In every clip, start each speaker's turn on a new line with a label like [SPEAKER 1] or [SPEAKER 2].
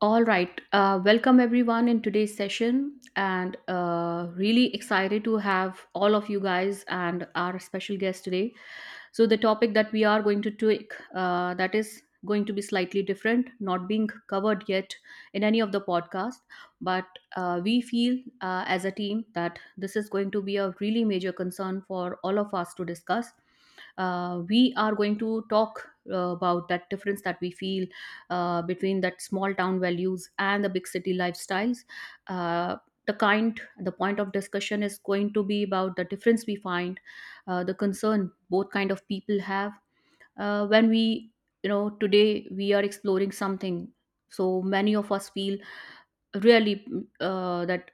[SPEAKER 1] All right. Welcome everyone in today's session, and really excited to have all of you guys and our special guest today. So the topic that we are going to take that is going to be slightly different, not being covered yet in any of the podcast, but we feel as a team that this is going to be a really major concern for all of us to discuss. We are going to talk about that difference that we feel between that small town values and the big city lifestyles. uh, the kind the point of discussion is going to be about the difference we find, the concern both kind of people have when we, you know, today we are exploring something so many of us feel really that,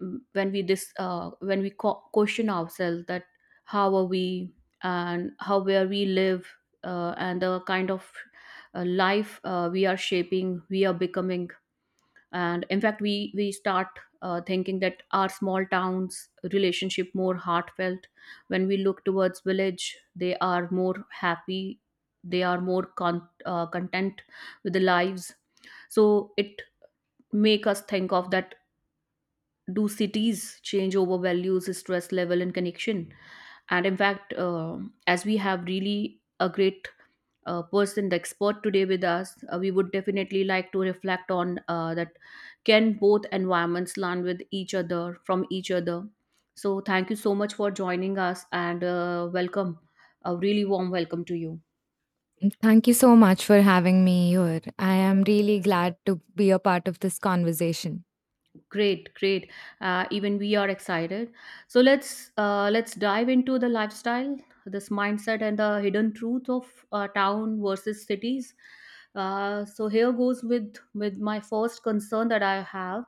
[SPEAKER 1] when we this when we question ourselves that how are we, and how, where we live, and the kind of life we are shaping, we are becoming. And in fact, we start thinking that our small towns relationship more heartfelt. When we look towards village, they are more happy, they are more content with the lives. So it make us think of that, do cities change over values, stress level, and connection? And in fact, as we have really a great person, the expert today with us, we would definitely like to reflect on that, can both environments learn with each other, from each other? So thank you so much for joining us, and welcome, a really warm welcome to you.
[SPEAKER 2] Thank you so much for having me here. I am really glad to be a part of this conversation.
[SPEAKER 1] Great, great. Even we are excited. So let's dive into the lifestyle, this mindset, and the hidden truth of town versus cities. So here goes with my first concern that I have.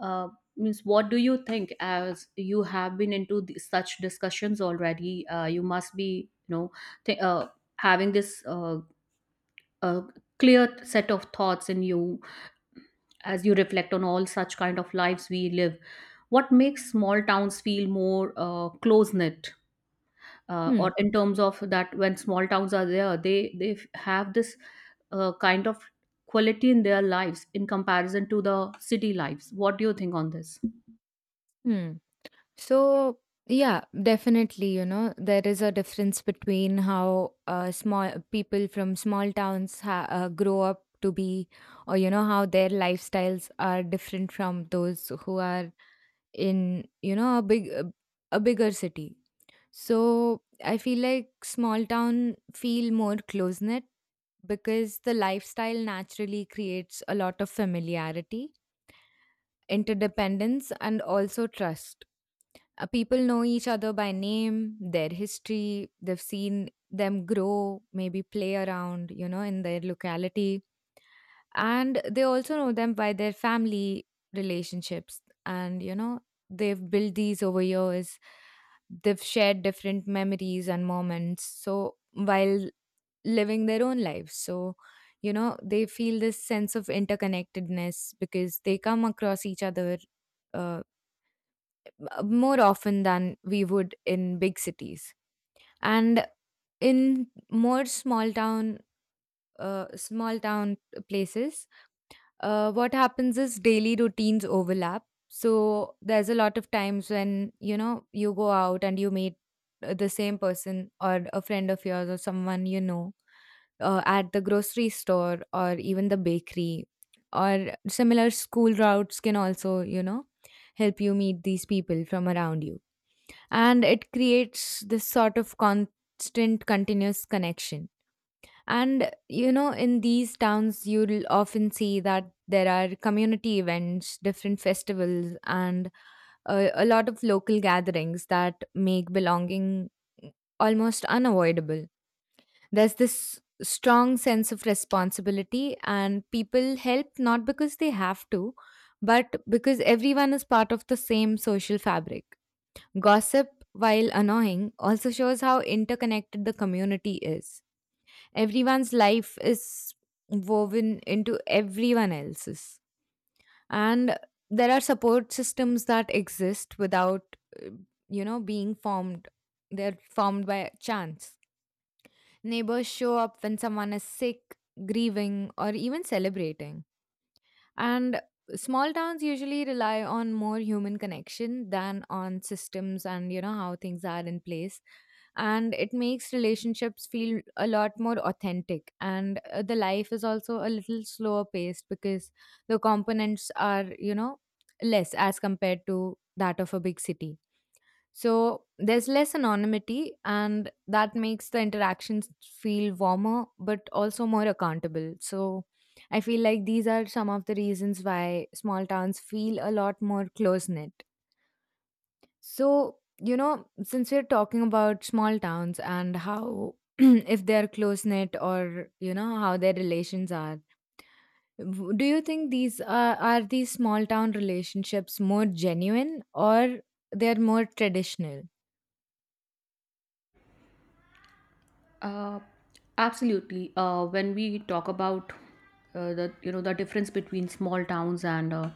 [SPEAKER 1] Uh, Means, what do you think? As you have been into such discussions already, you must be, you know, th- having this uh, clear set of thoughts in you, as you reflect on all such kind of lives we live. What makes small towns feel more close knit?
[SPEAKER 2] Hmm.
[SPEAKER 1] Or in terms of that, when small towns are there, they have this kind of quality in their lives in comparison to the city lives? What do you think on this?
[SPEAKER 2] Hmm. So, yeah, definitely, you know, there is a difference between how small people from small towns grow up to be, or, you know, how their lifestyles are different from those who are in, you know, a bigger city. So, I feel like small town feel more close knit because the lifestyle naturally creates a lot of familiarity interdependence, and also trust. People know each other by name, their history, they've seen them grow, maybe play around, you know, in their locality. And they also know them by their family relationships. And, you know, they've built these over years. They've shared different memories and moments. So, while living their own lives. So, you know, they feel this sense of interconnectedness because they come across each other uh, more often than we would in big cities. And in more small town places, what happens is daily routines overlap. So there's a lot of times when you know you go out and you meet the same person or a friend of yours or someone you know at the grocery store or even the bakery or similar school routes can also, you know, help you meet these people from around you, and it creates this sort of constant continuous connection. And, you know, in these towns, you'll often see that there are community events, different festivals, and a lot of local gatherings that make belonging almost unavoidable. There's this strong sense of responsibility, and people help not because they have to, but because everyone is part of the same social fabric. Gossip, while annoying, also shows how interconnected the community is. Everyone's life is woven into everyone else's. And there are support systems that exist without, uh, you know, being formed. They're formed by chance. Neighbors show up when someone is sick, grieving, or even celebrating. And small towns usually rely on more human connection than on systems and you know how things are in place, and it makes relationships feel a lot more authentic. And the life is also a little slower paced because the components are, you know, less as compared to that of a big city, so there's less anonymity and that makes the interactions feel warmer but also more accountable. So I feel like these are some of the reasons why small towns feel a lot more close knit. So, you know, since we're talking about small towns and how if they're close knit or, you know, how their relations are, do you think are these small town relationships more genuine or they're more traditional?
[SPEAKER 1] Uh, Absolutely. When we talk about the, you know, the difference between small towns and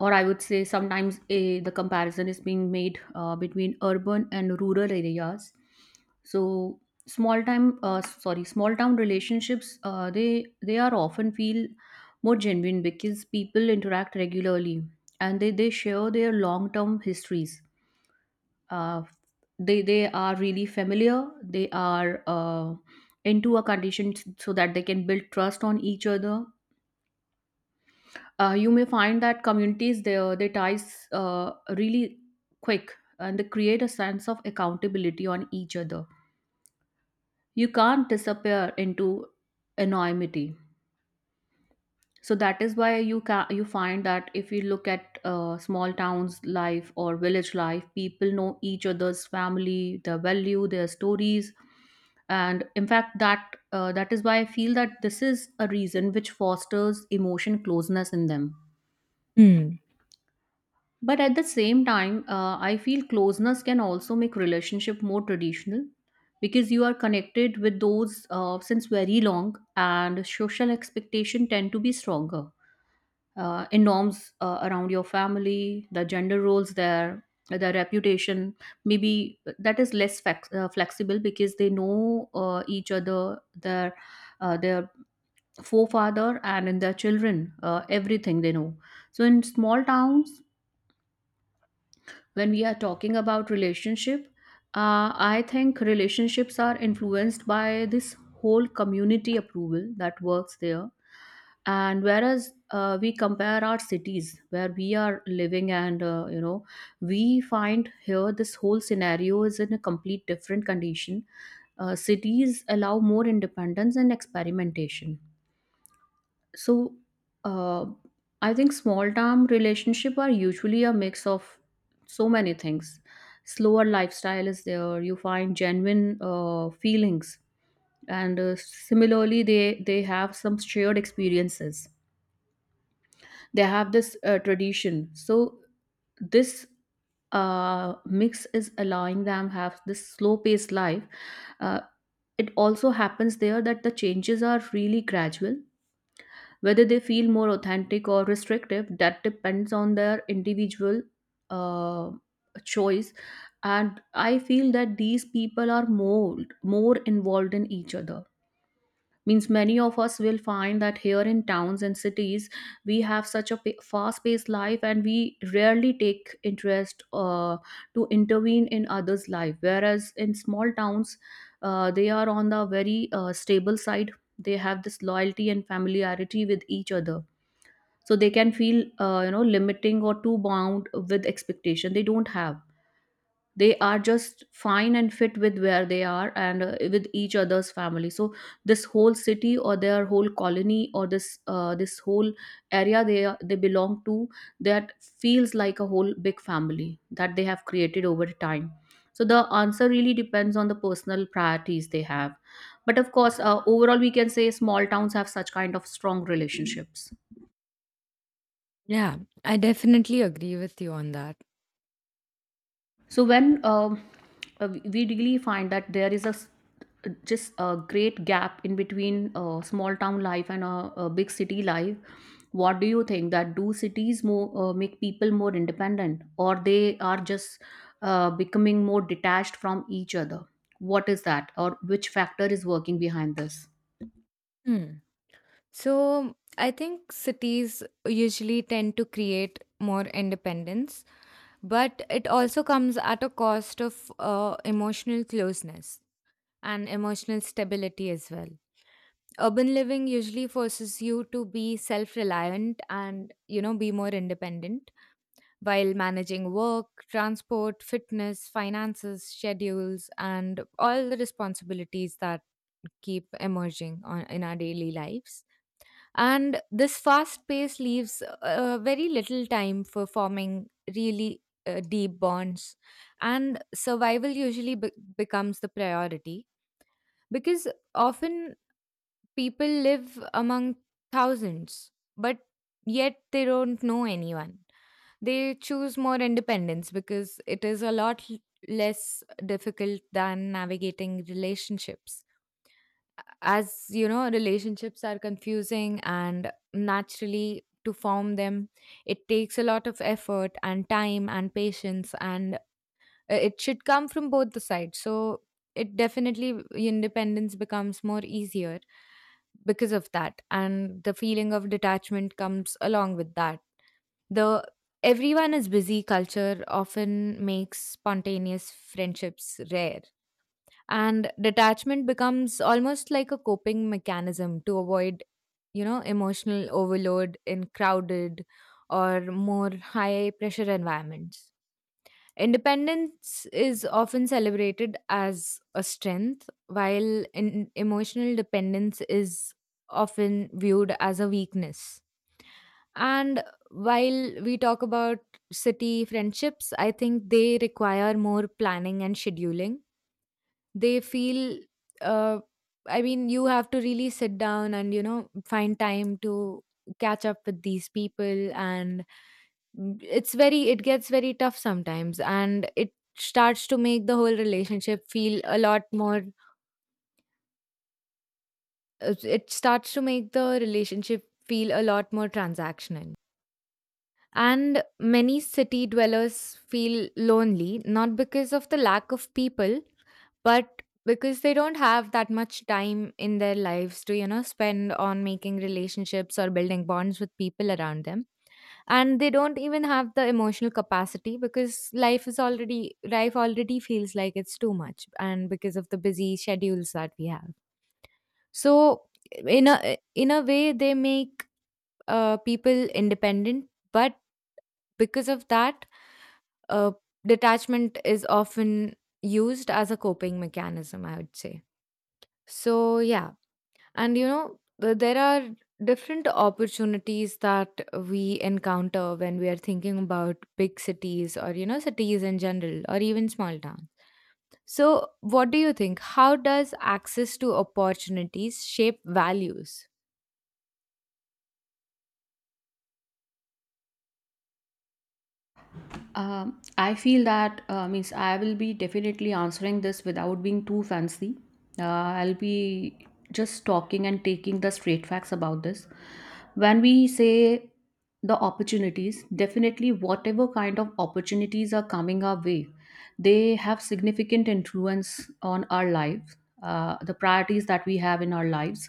[SPEAKER 1] or I would say sometimes a, the comparison is being made between urban and rural areas. So small time sorry small town relationships, they are often feel more genuine because people interact regularly, and they share their long term histories. uh, they are really familiar, they are into a condition so that they can build trust on each other. You may find that communities, their ties really quick, and they create a sense of accountability on each other. You can't disappear into anonymity. So that is why you find that if you look at small towns life or village life, people know each other's family, their value, their stories. And in fact that, that is why I feel that this is a reason which fosters emotion closeness in them.
[SPEAKER 2] Hmm.
[SPEAKER 1] But at the same time, I feel closeness can also make relationship more traditional, because you are connected with those since very long, and social expectation tend to be stronger, in norms, around your family, the gender roles there, the reputation. Maybe that is less flexible because they know each other, their forefather, and in their children, everything they know. So in small towns, when we are talking about relationship, I think relationships are influenced by this whole community approval that works there. And whereas we compare our cities where we are living, and you know, we find here this whole scenario is in a complete different condition. Cities allow more independence and experimentation. So, uh, I think small term relationship are usually a mix of so many things. Slower lifestyle is there. You find genuine feelings, and similarly, they have some shared experiences. They have this tradition. So this mix is allowing them have this slow paced life. Uh, it also happens there that the changes are really gradual. Whether they feel more authentic or restrictive, that depends on their individual uh, choice. And I feel that these people are more involved in each other. Means many of us will find that here in towns and cities we have such a fast paced life, and we rarely take interest to intervene in others' life. Whereas in small towns, they are on the very stable side. They have this loyalty and familiarity with each other, so they can feel you know, limiting or too bound with expectation. They don't have, they are just fine and fit with where they are, and with each other's family. So this whole city, or their whole colony, or this this whole area they belong to, that feels like a whole big family that they have created over time. So the answer really depends on the personal priorities they have, but of course overall we can say small towns have such kind of strong relationships.
[SPEAKER 2] Yeah, I definitely agree with you on that.
[SPEAKER 1] So when we really find that there is just a great gap in between small town life and a big city life, what do you think, that do cities more make people more independent, or they are just becoming more detached from each other? What is that, or which factor is working behind this?
[SPEAKER 2] Hmm. So, I think cities usually tend to create more independence, but it also comes at a cost of emotional closeness and emotional stability as well. Urban living usually forces you to be self reliant and, you know, be more independent while managing work, transport, fitness, finances, schedules, and all the responsibilities that keep emerging in our daily lives. And this fast pace leaves very little time for forming really deep bonds. And survival usually becomes the priority because often people live among thousands, but yet they don't know anyone. They choose more independence because it is less difficult than navigating relationships. As you know, relationships are confusing, and naturally, to form them, it takes a lot of effort and time and patience and it should come from both the sides. So it definitely independence becomes more easier because of that, and the feeling of detachment comes along with that. The everyone is busy culture often makes spontaneous friendships rare. And detachment becomes almost like a coping mechanism to avoid, you know, emotional overload in crowded or more high pressure environments. Independence is often celebrated as a strength, while in emotional dependence is often viewed as a weakness. And while we talk about city friendships, I think they require more planning and scheduling. They feel, uh, I mean, you have to really sit down and, you know, find time to catch up with these people. And mm, it gets very tough sometimes and it starts to make the whole relationship feel a lot more it starts to make the relationship feel a lot more transactional, and many city dwellers feel lonely not because of the lack of people but because they don't have that much time in their lives to, you know, spend on making relationships or building bonds with people around them, and they don't even have the emotional capacity because life already feels like it's too much and because of the busy schedules that we have. So in a way they make people independent, but because of that, uh, detachment is often used as a coping mechanism, I would say. So yeah. And, you know, there are different opportunities that we encounter when we are thinking about big cities or, you know, cities in general or even small towns. So, what do you think? How does access to opportunities shape values?
[SPEAKER 1] I feel that means, I will be definitely answering this without being too fancy. I'll be just talking and taking the straight facts about this. When we say the opportunities, definitely whatever kind of opportunities are coming our way, they have significant influence on our life, the priorities that we have in our lives.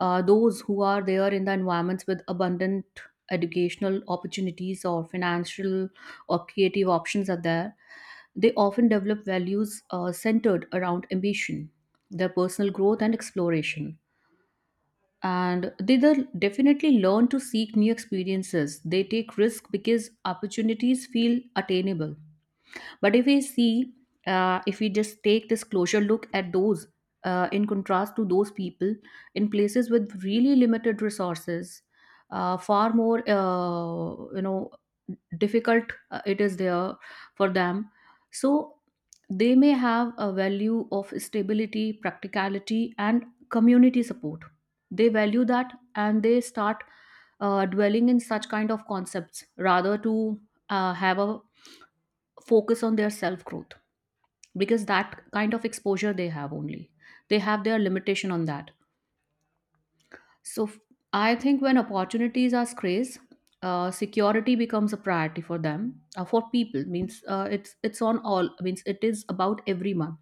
[SPEAKER 1] Those who are there in the environments with abundant educational opportunities, or financial or creative options are there, they often develop values centered around ambition, their personal growth, and exploration. And they definitely learn to seek new experiences. They take risk because opportunities feel attainable. But if we see, if we just take this closure look at those, in contrast to those people in places with really limited resources, far more, you know, difficult it is there for them. So they may have a value of stability, practicality, and community support. They value that, and they start dwelling in such kind of concepts rather to have a focus on their self growth, because that kind of exposure they have, only they have their limitation on that. So I think when opportunities are scarce, security becomes a priority for them. For people, means, it's on all, means it is about everyone.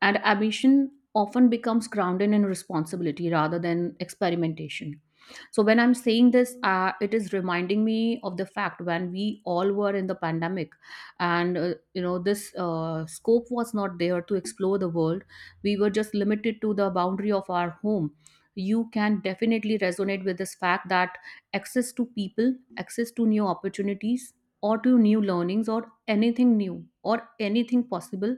[SPEAKER 1] And ambition often becomes grounded in responsibility rather than experimentation. So when I'm saying this, it is reminding me of the fact when we all were in the pandemic, and you know, this scope was not there to explore the world. We were just limited to the boundary of our home. You can definitely resonate with this fact, that access to people, access to new opportunities, or to new learnings, or anything new, or anything possible,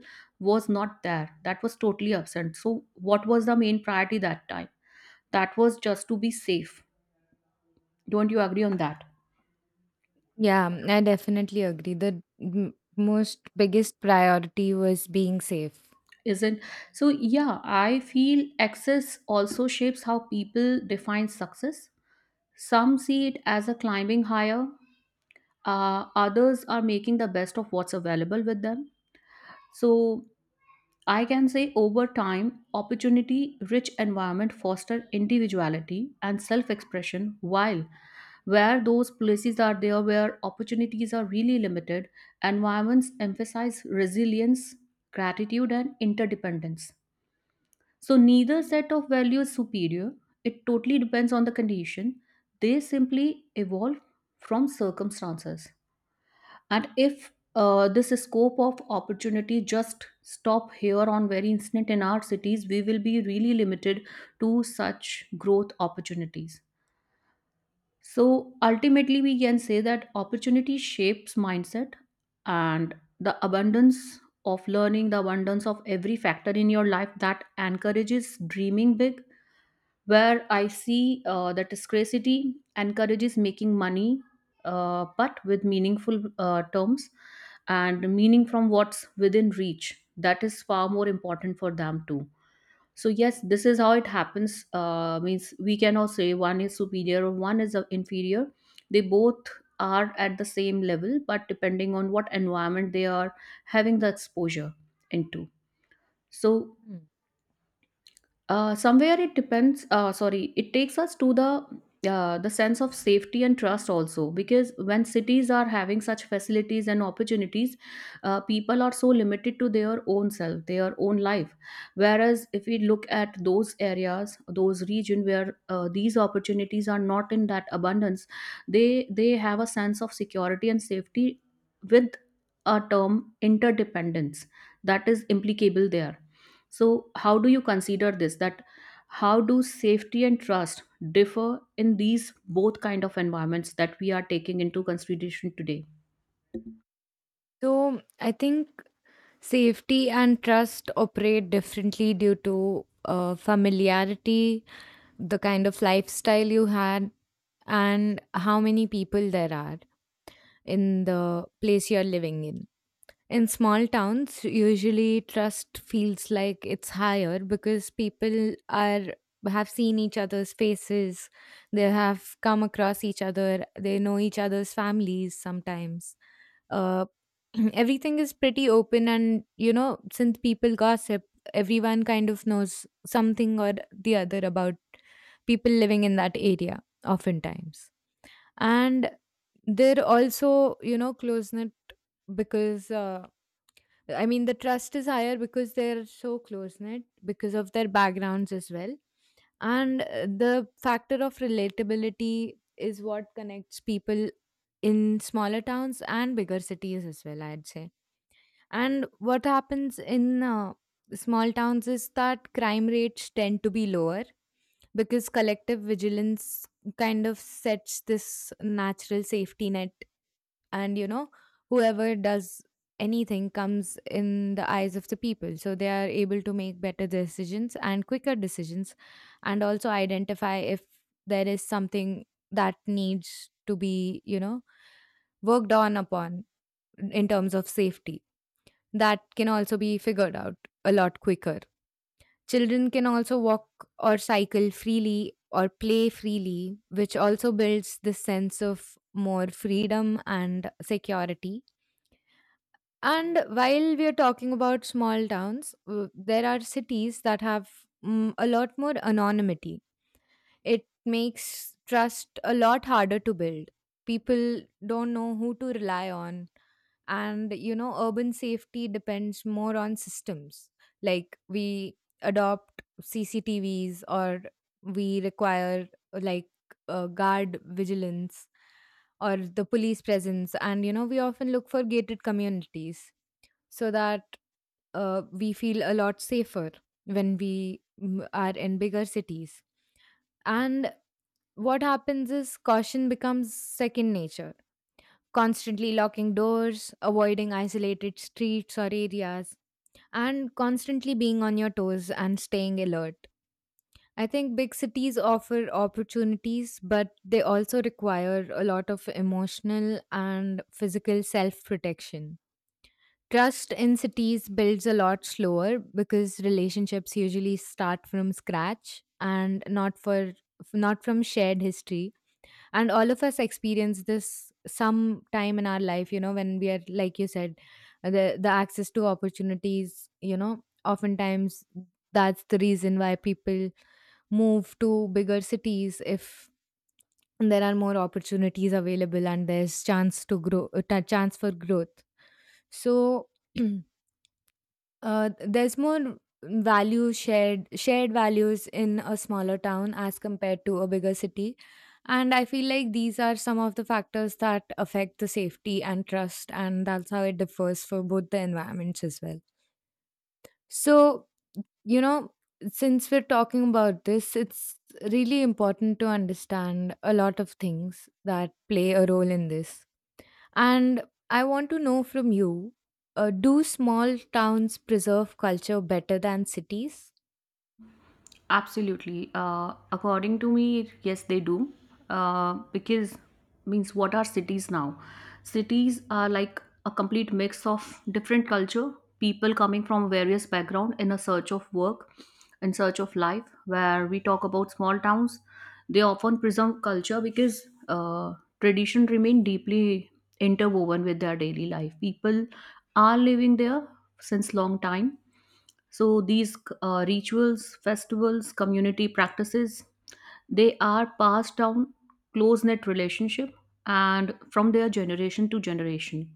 [SPEAKER 1] was not there. That was totally absent. So what was the main priority that time? That was just to be safe. Don't you agree on that?
[SPEAKER 2] Yeah, I definitely agree. The most biggest priority was being safe.
[SPEAKER 1] Isn't? So yeah, I feel access also shapes how people define success. Some see it as a climbing higher, others are making the best of what's available with them. So I can say over time, opportunity rich environment foster individuality and self expression, while where those places are there where opportunities are really limited, environments emphasize resilience, gratitude, and interdependence. So neither set of values is superior. It totally depends on the condition. They simply evolve from circumstances. And if this scope of opportunity just stop here on very instant in our cities, we will be really limited to such growth opportunities. So ultimately, we can say that opportunity shapes mindset, and the abundance of learning, the abundance of every factor in your life that encourages dreaming big, where I see that scarcity encourages making money, but with meaningful terms and meaning from what's within reach. That is far more important for them too. So yes, this is how it happens. Means we cannot say one is superior, or one is inferior. They both are at the same level, but depending on what environment they are having the exposure into. So
[SPEAKER 2] Hmm.
[SPEAKER 1] somewhere it depends. It takes us to the the sense of safety and trust also, because when cities are having such facilities and opportunities, people are so limited to their own self, their own life. Whereas if we look at those areas, those region where these opportunities are not in that abundance, they have a sense of security and safety with a term interdependence that is implicable there. So how do you consider this, that how do safety and trust differ in these both kind of environments that we are taking into consideration today?
[SPEAKER 2] So I think safety and trust operate differently due to familiarity, the kind of lifestyle you had and how many people there are in the place you're living in. In small towns, usually trust feels like it's higher because people are have seen each other's faces, they have come across each other, they know each other's families sometimes, uh, everything is pretty open and, you know, since people gossip, everyone kind of knows something or the other about people living in that area oftentimes. And they're also, you know, close knit because I mean the trust is higher because they're so close knit, because of their backgrounds as well. And the factor of relatability is what connects people in smaller towns and bigger cities as well, I'd say. And what happens in small towns is that crime rates tend to be lower because collective vigilance kind of sets this natural safety net. And, you know, whoever does anything comes in the eyes of the people. So they are able to make better decisions and quicker decisions and also identify if there is something that needs to be, you know, worked on upon in terms of safety, that can also be figured out a lot quicker. Children can also walk or cycle freely or play freely, which also builds this sense of more freedom and security. And while we are talking about small towns, there are cities that have mm, a lot more anonymity. It makes trust a lot harder to build. People don't know who to rely on. And, you know, urban safety depends more on systems. Like we adopt CCTVs or we require like guard vigilance or the police presence. And, you know, we often look for gated communities so that we feel a lot safer when we mm, are in bigger cities. And what happens is caution becomes second nature, constantly locking doors, avoiding isolated streets or areas, and constantly being on your toes and staying alert. I think big cities offer opportunities, but they also require a lot of emotional and physical self protection. Trust in cities builds a lot slower because relationships usually start from scratch and not from shared history. And all of us experience this some time in our life, you know, when we are like you said the access to opportunities, you know, oftentimes that's the reason why people move to bigger cities if there are more opportunities available and there's chance to grow a ta- chance for growth. So uh, there's more value shared shared values in a smaller town as compared to a bigger city. And I feel like these are some of the factors that affect the safety and trust and that's how it differs for both the environments as well. So, you know, since we're talking about this, it's really important to understand a lot of things that play a role in this. And I want to know from you, do small towns preserve culture better than cities?
[SPEAKER 1] Absolutely. According to me, yes, they do. Because means, what are cities now? Cities are like a complete mix of different culture, people coming from various background in a search of work, in search of life. Where we talk about small towns, they often preserve culture because tradition remain deeply interwoven with their daily life. People are living there since long time, so these rituals, festivals, community practices, they are passed down, close knit relationship, and from their generation to generation.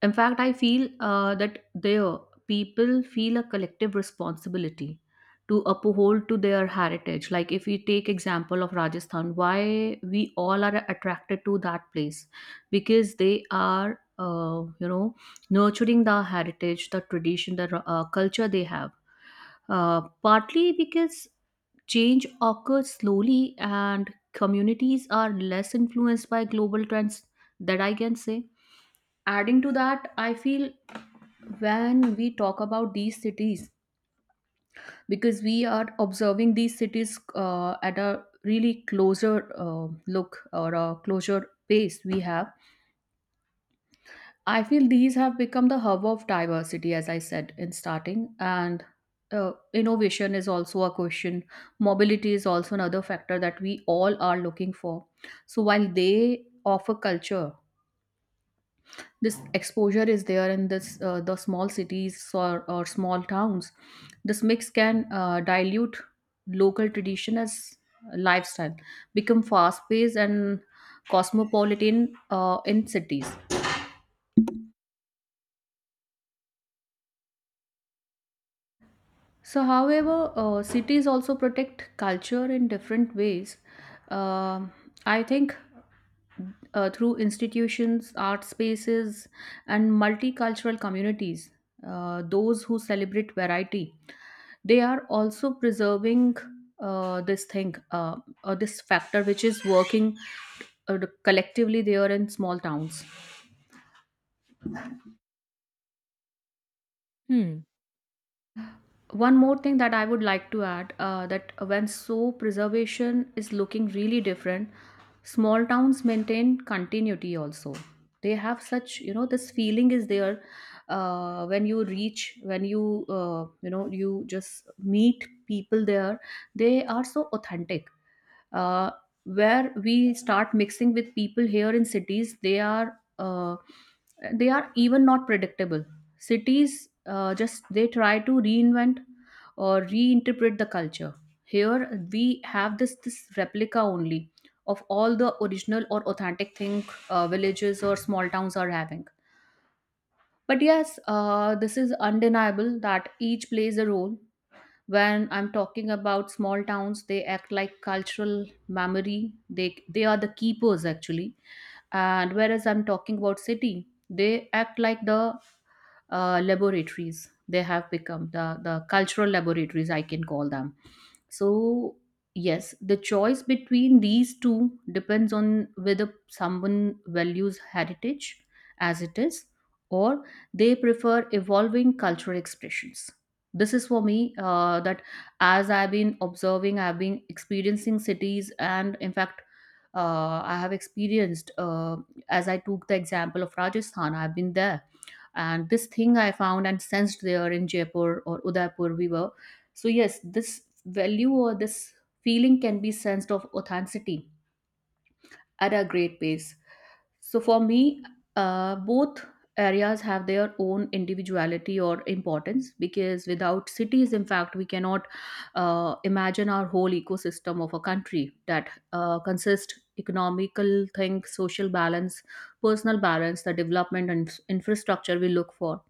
[SPEAKER 1] In fact, I feel that their people feel a collective responsibility to uphold to their heritage. Like if we take example of Rajasthan, why we all are attracted to that place, because they are you know, nurturing the heritage, the tradition, the culture they have, partly because change occurs slowly and communities are less influenced by global trends, that I can say. Adding to that, I feel when we talk about these cities, because we are observing these cities at a really closer look or a closer pace we have, I feel these have become the hub of diversity, as I said in starting, and innovation is also a question. Mobility is also another factor that we all are looking for. So while they offer culture, this exposure is there in this the small cities or small towns. This mix can dilute local tradition as lifestyle become fast paced and cosmopolitan in cities. So however, cities also protect culture in different ways. Um I think through institutions, art spaces, and multicultural communities, those who celebrate variety, they are also preserving this thing, or this factor, which is working collectively there in small towns.
[SPEAKER 2] Hmm.
[SPEAKER 1] One more thing that I would like to add, that when soap preservation is looking really different, small towns maintain continuity also. They have such, you know, this feeling is there when you reach, when you you know, you just meet people there, they are so authentic. uh, where we start mixing with people here in cities, they are even not predictable. Cities just they try to reinvent or reinterpret the culture. Here we have this replica only of all the original or authentic thing villages or small towns are having. But yes, this is undeniable that each plays a role. When I'm talking about small towns, they act like cultural memory, they are the keepers actually. And whereas I'm talking about city, they act like the laboratories. They have become the cultural laboratories, I can call them. So yes, the choice between these two depends on whether someone values heritage as it is, or they prefer evolving cultural expressions. This is for me, that as I've been observing, I've been experiencing cities, and in fact I have experienced, as I took the example of Rajasthan, I've been there, and this thing I found and sensed there in Jaipur or Udaipur we were. So yes, this value or this feeling can be sensed of authenticity at a great pace. So for me, both areas have their own individuality or importance, because without cities, in fact, we cannot imagine our whole ecosystem of a country that consists economical thing, social balance, personal balance, the development and infrastructure we look for.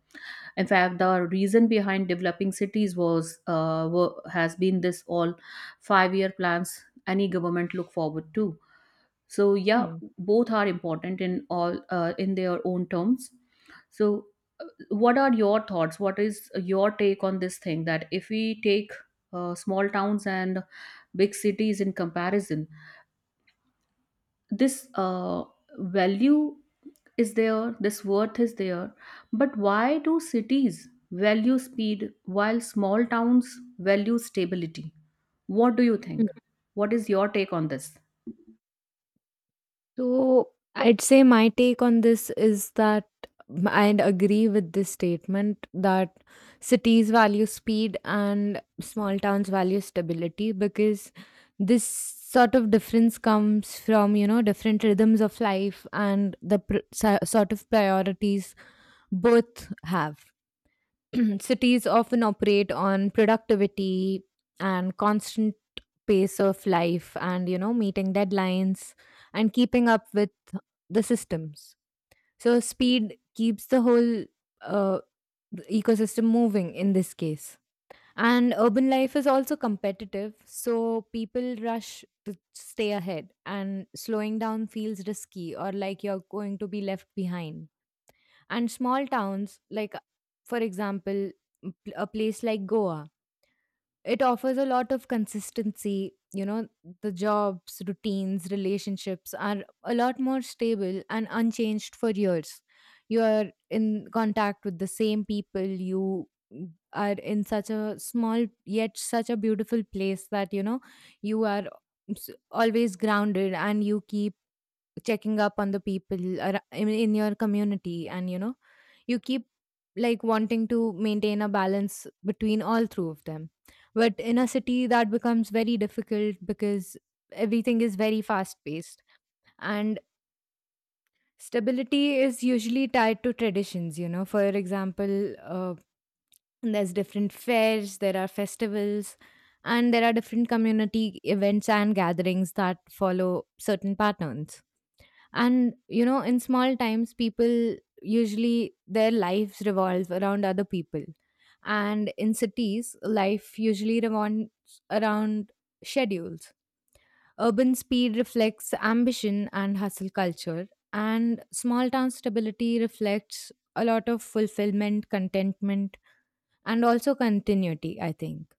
[SPEAKER 1] In fact, the reason behind developing cities was has been this all 5-year plans any government look forward to. So yeah,
[SPEAKER 2] Hmm.
[SPEAKER 1] both are important in all in their own terms. So what are your thoughts, what is your take on this thing, that if we take small towns and big cities in comparison, this value is there, this worth is there. But why do cities value speed while small towns value stability? What do you
[SPEAKER 2] Mm.
[SPEAKER 1] think? What is your take on this?
[SPEAKER 2] So I'd say my take on this is that I'd agree with this statement that cities value speed and small towns value stability because this sort of difference comes from, you know, different rhythms of life and the sort of priorities both have. Cities often operate on productivity and constant pace of life and, you know, meeting deadlines and keeping up with the systems. So speed keeps the whole uh, ecosystem moving in this case. And urban life is also competitive, so people rush to stay ahead and slowing down feels risky or like you're going to be left behind. And small towns, like for example, a place like Goa, it offers a lot of consistency. You know, the jobs, routines, relationships are a lot more stable and unchanged for years. You are in contact with the same people. You are in such a small yet such a beautiful place that, you know, you are always grounded and you keep checking up on the people in your community. And, you know, you keep like wanting to maintain a balance between all three of them. But in a city that becomes very difficult because everything is very fast paced. And stability is usually tied to traditions, you know, for example, uh, there's different fairs, there are festivals, and there are different community events and gatherings that follow certain patterns. And, you know, in small times people usually their lives revolve around other people, and in cities life usually revolves around schedules. Urban speed reflects ambition and hustle culture, and small town stability reflects a lot of fulfillment, contentment, and also continuity, I think.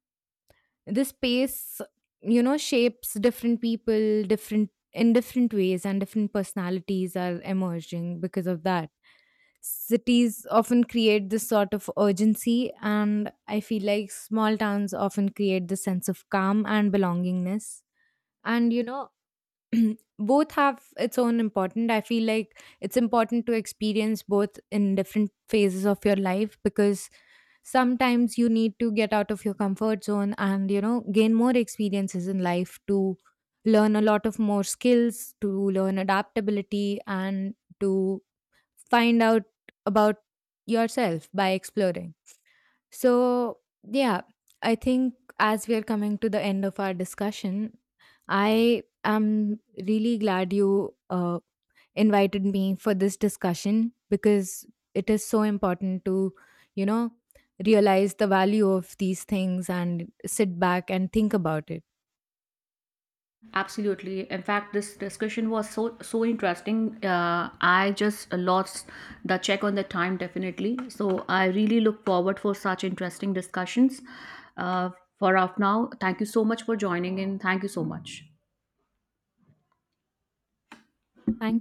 [SPEAKER 2] This space, you know, shapes different people, different in different ways, and different personalities are emerging because of that. Cities often create this sort of urgency, and I feel like small towns often create this sense of calm and belongingness. And, you know, both have its own important. I feel like it's important to experience both in different phases of your life because sometimes you need to get out of your comfort zone and, you know, gain more experiences in life to learn a lot of more skills, to learn adaptability, and to find out about yourself by exploring. So yeah. I think as we are coming to the end of our discussion, I am really glad you invited me for this discussion because it is so important to, you know, realize the value of these things and sit back and think about it.
[SPEAKER 1] Absolutely. In fact, this discussion was so so interesting. I just lost the check on the time, definitely. So I really look forward for such interesting discussions. Uh, for off now, thank you so much for joining in. Thank you so much.
[SPEAKER 2] Thank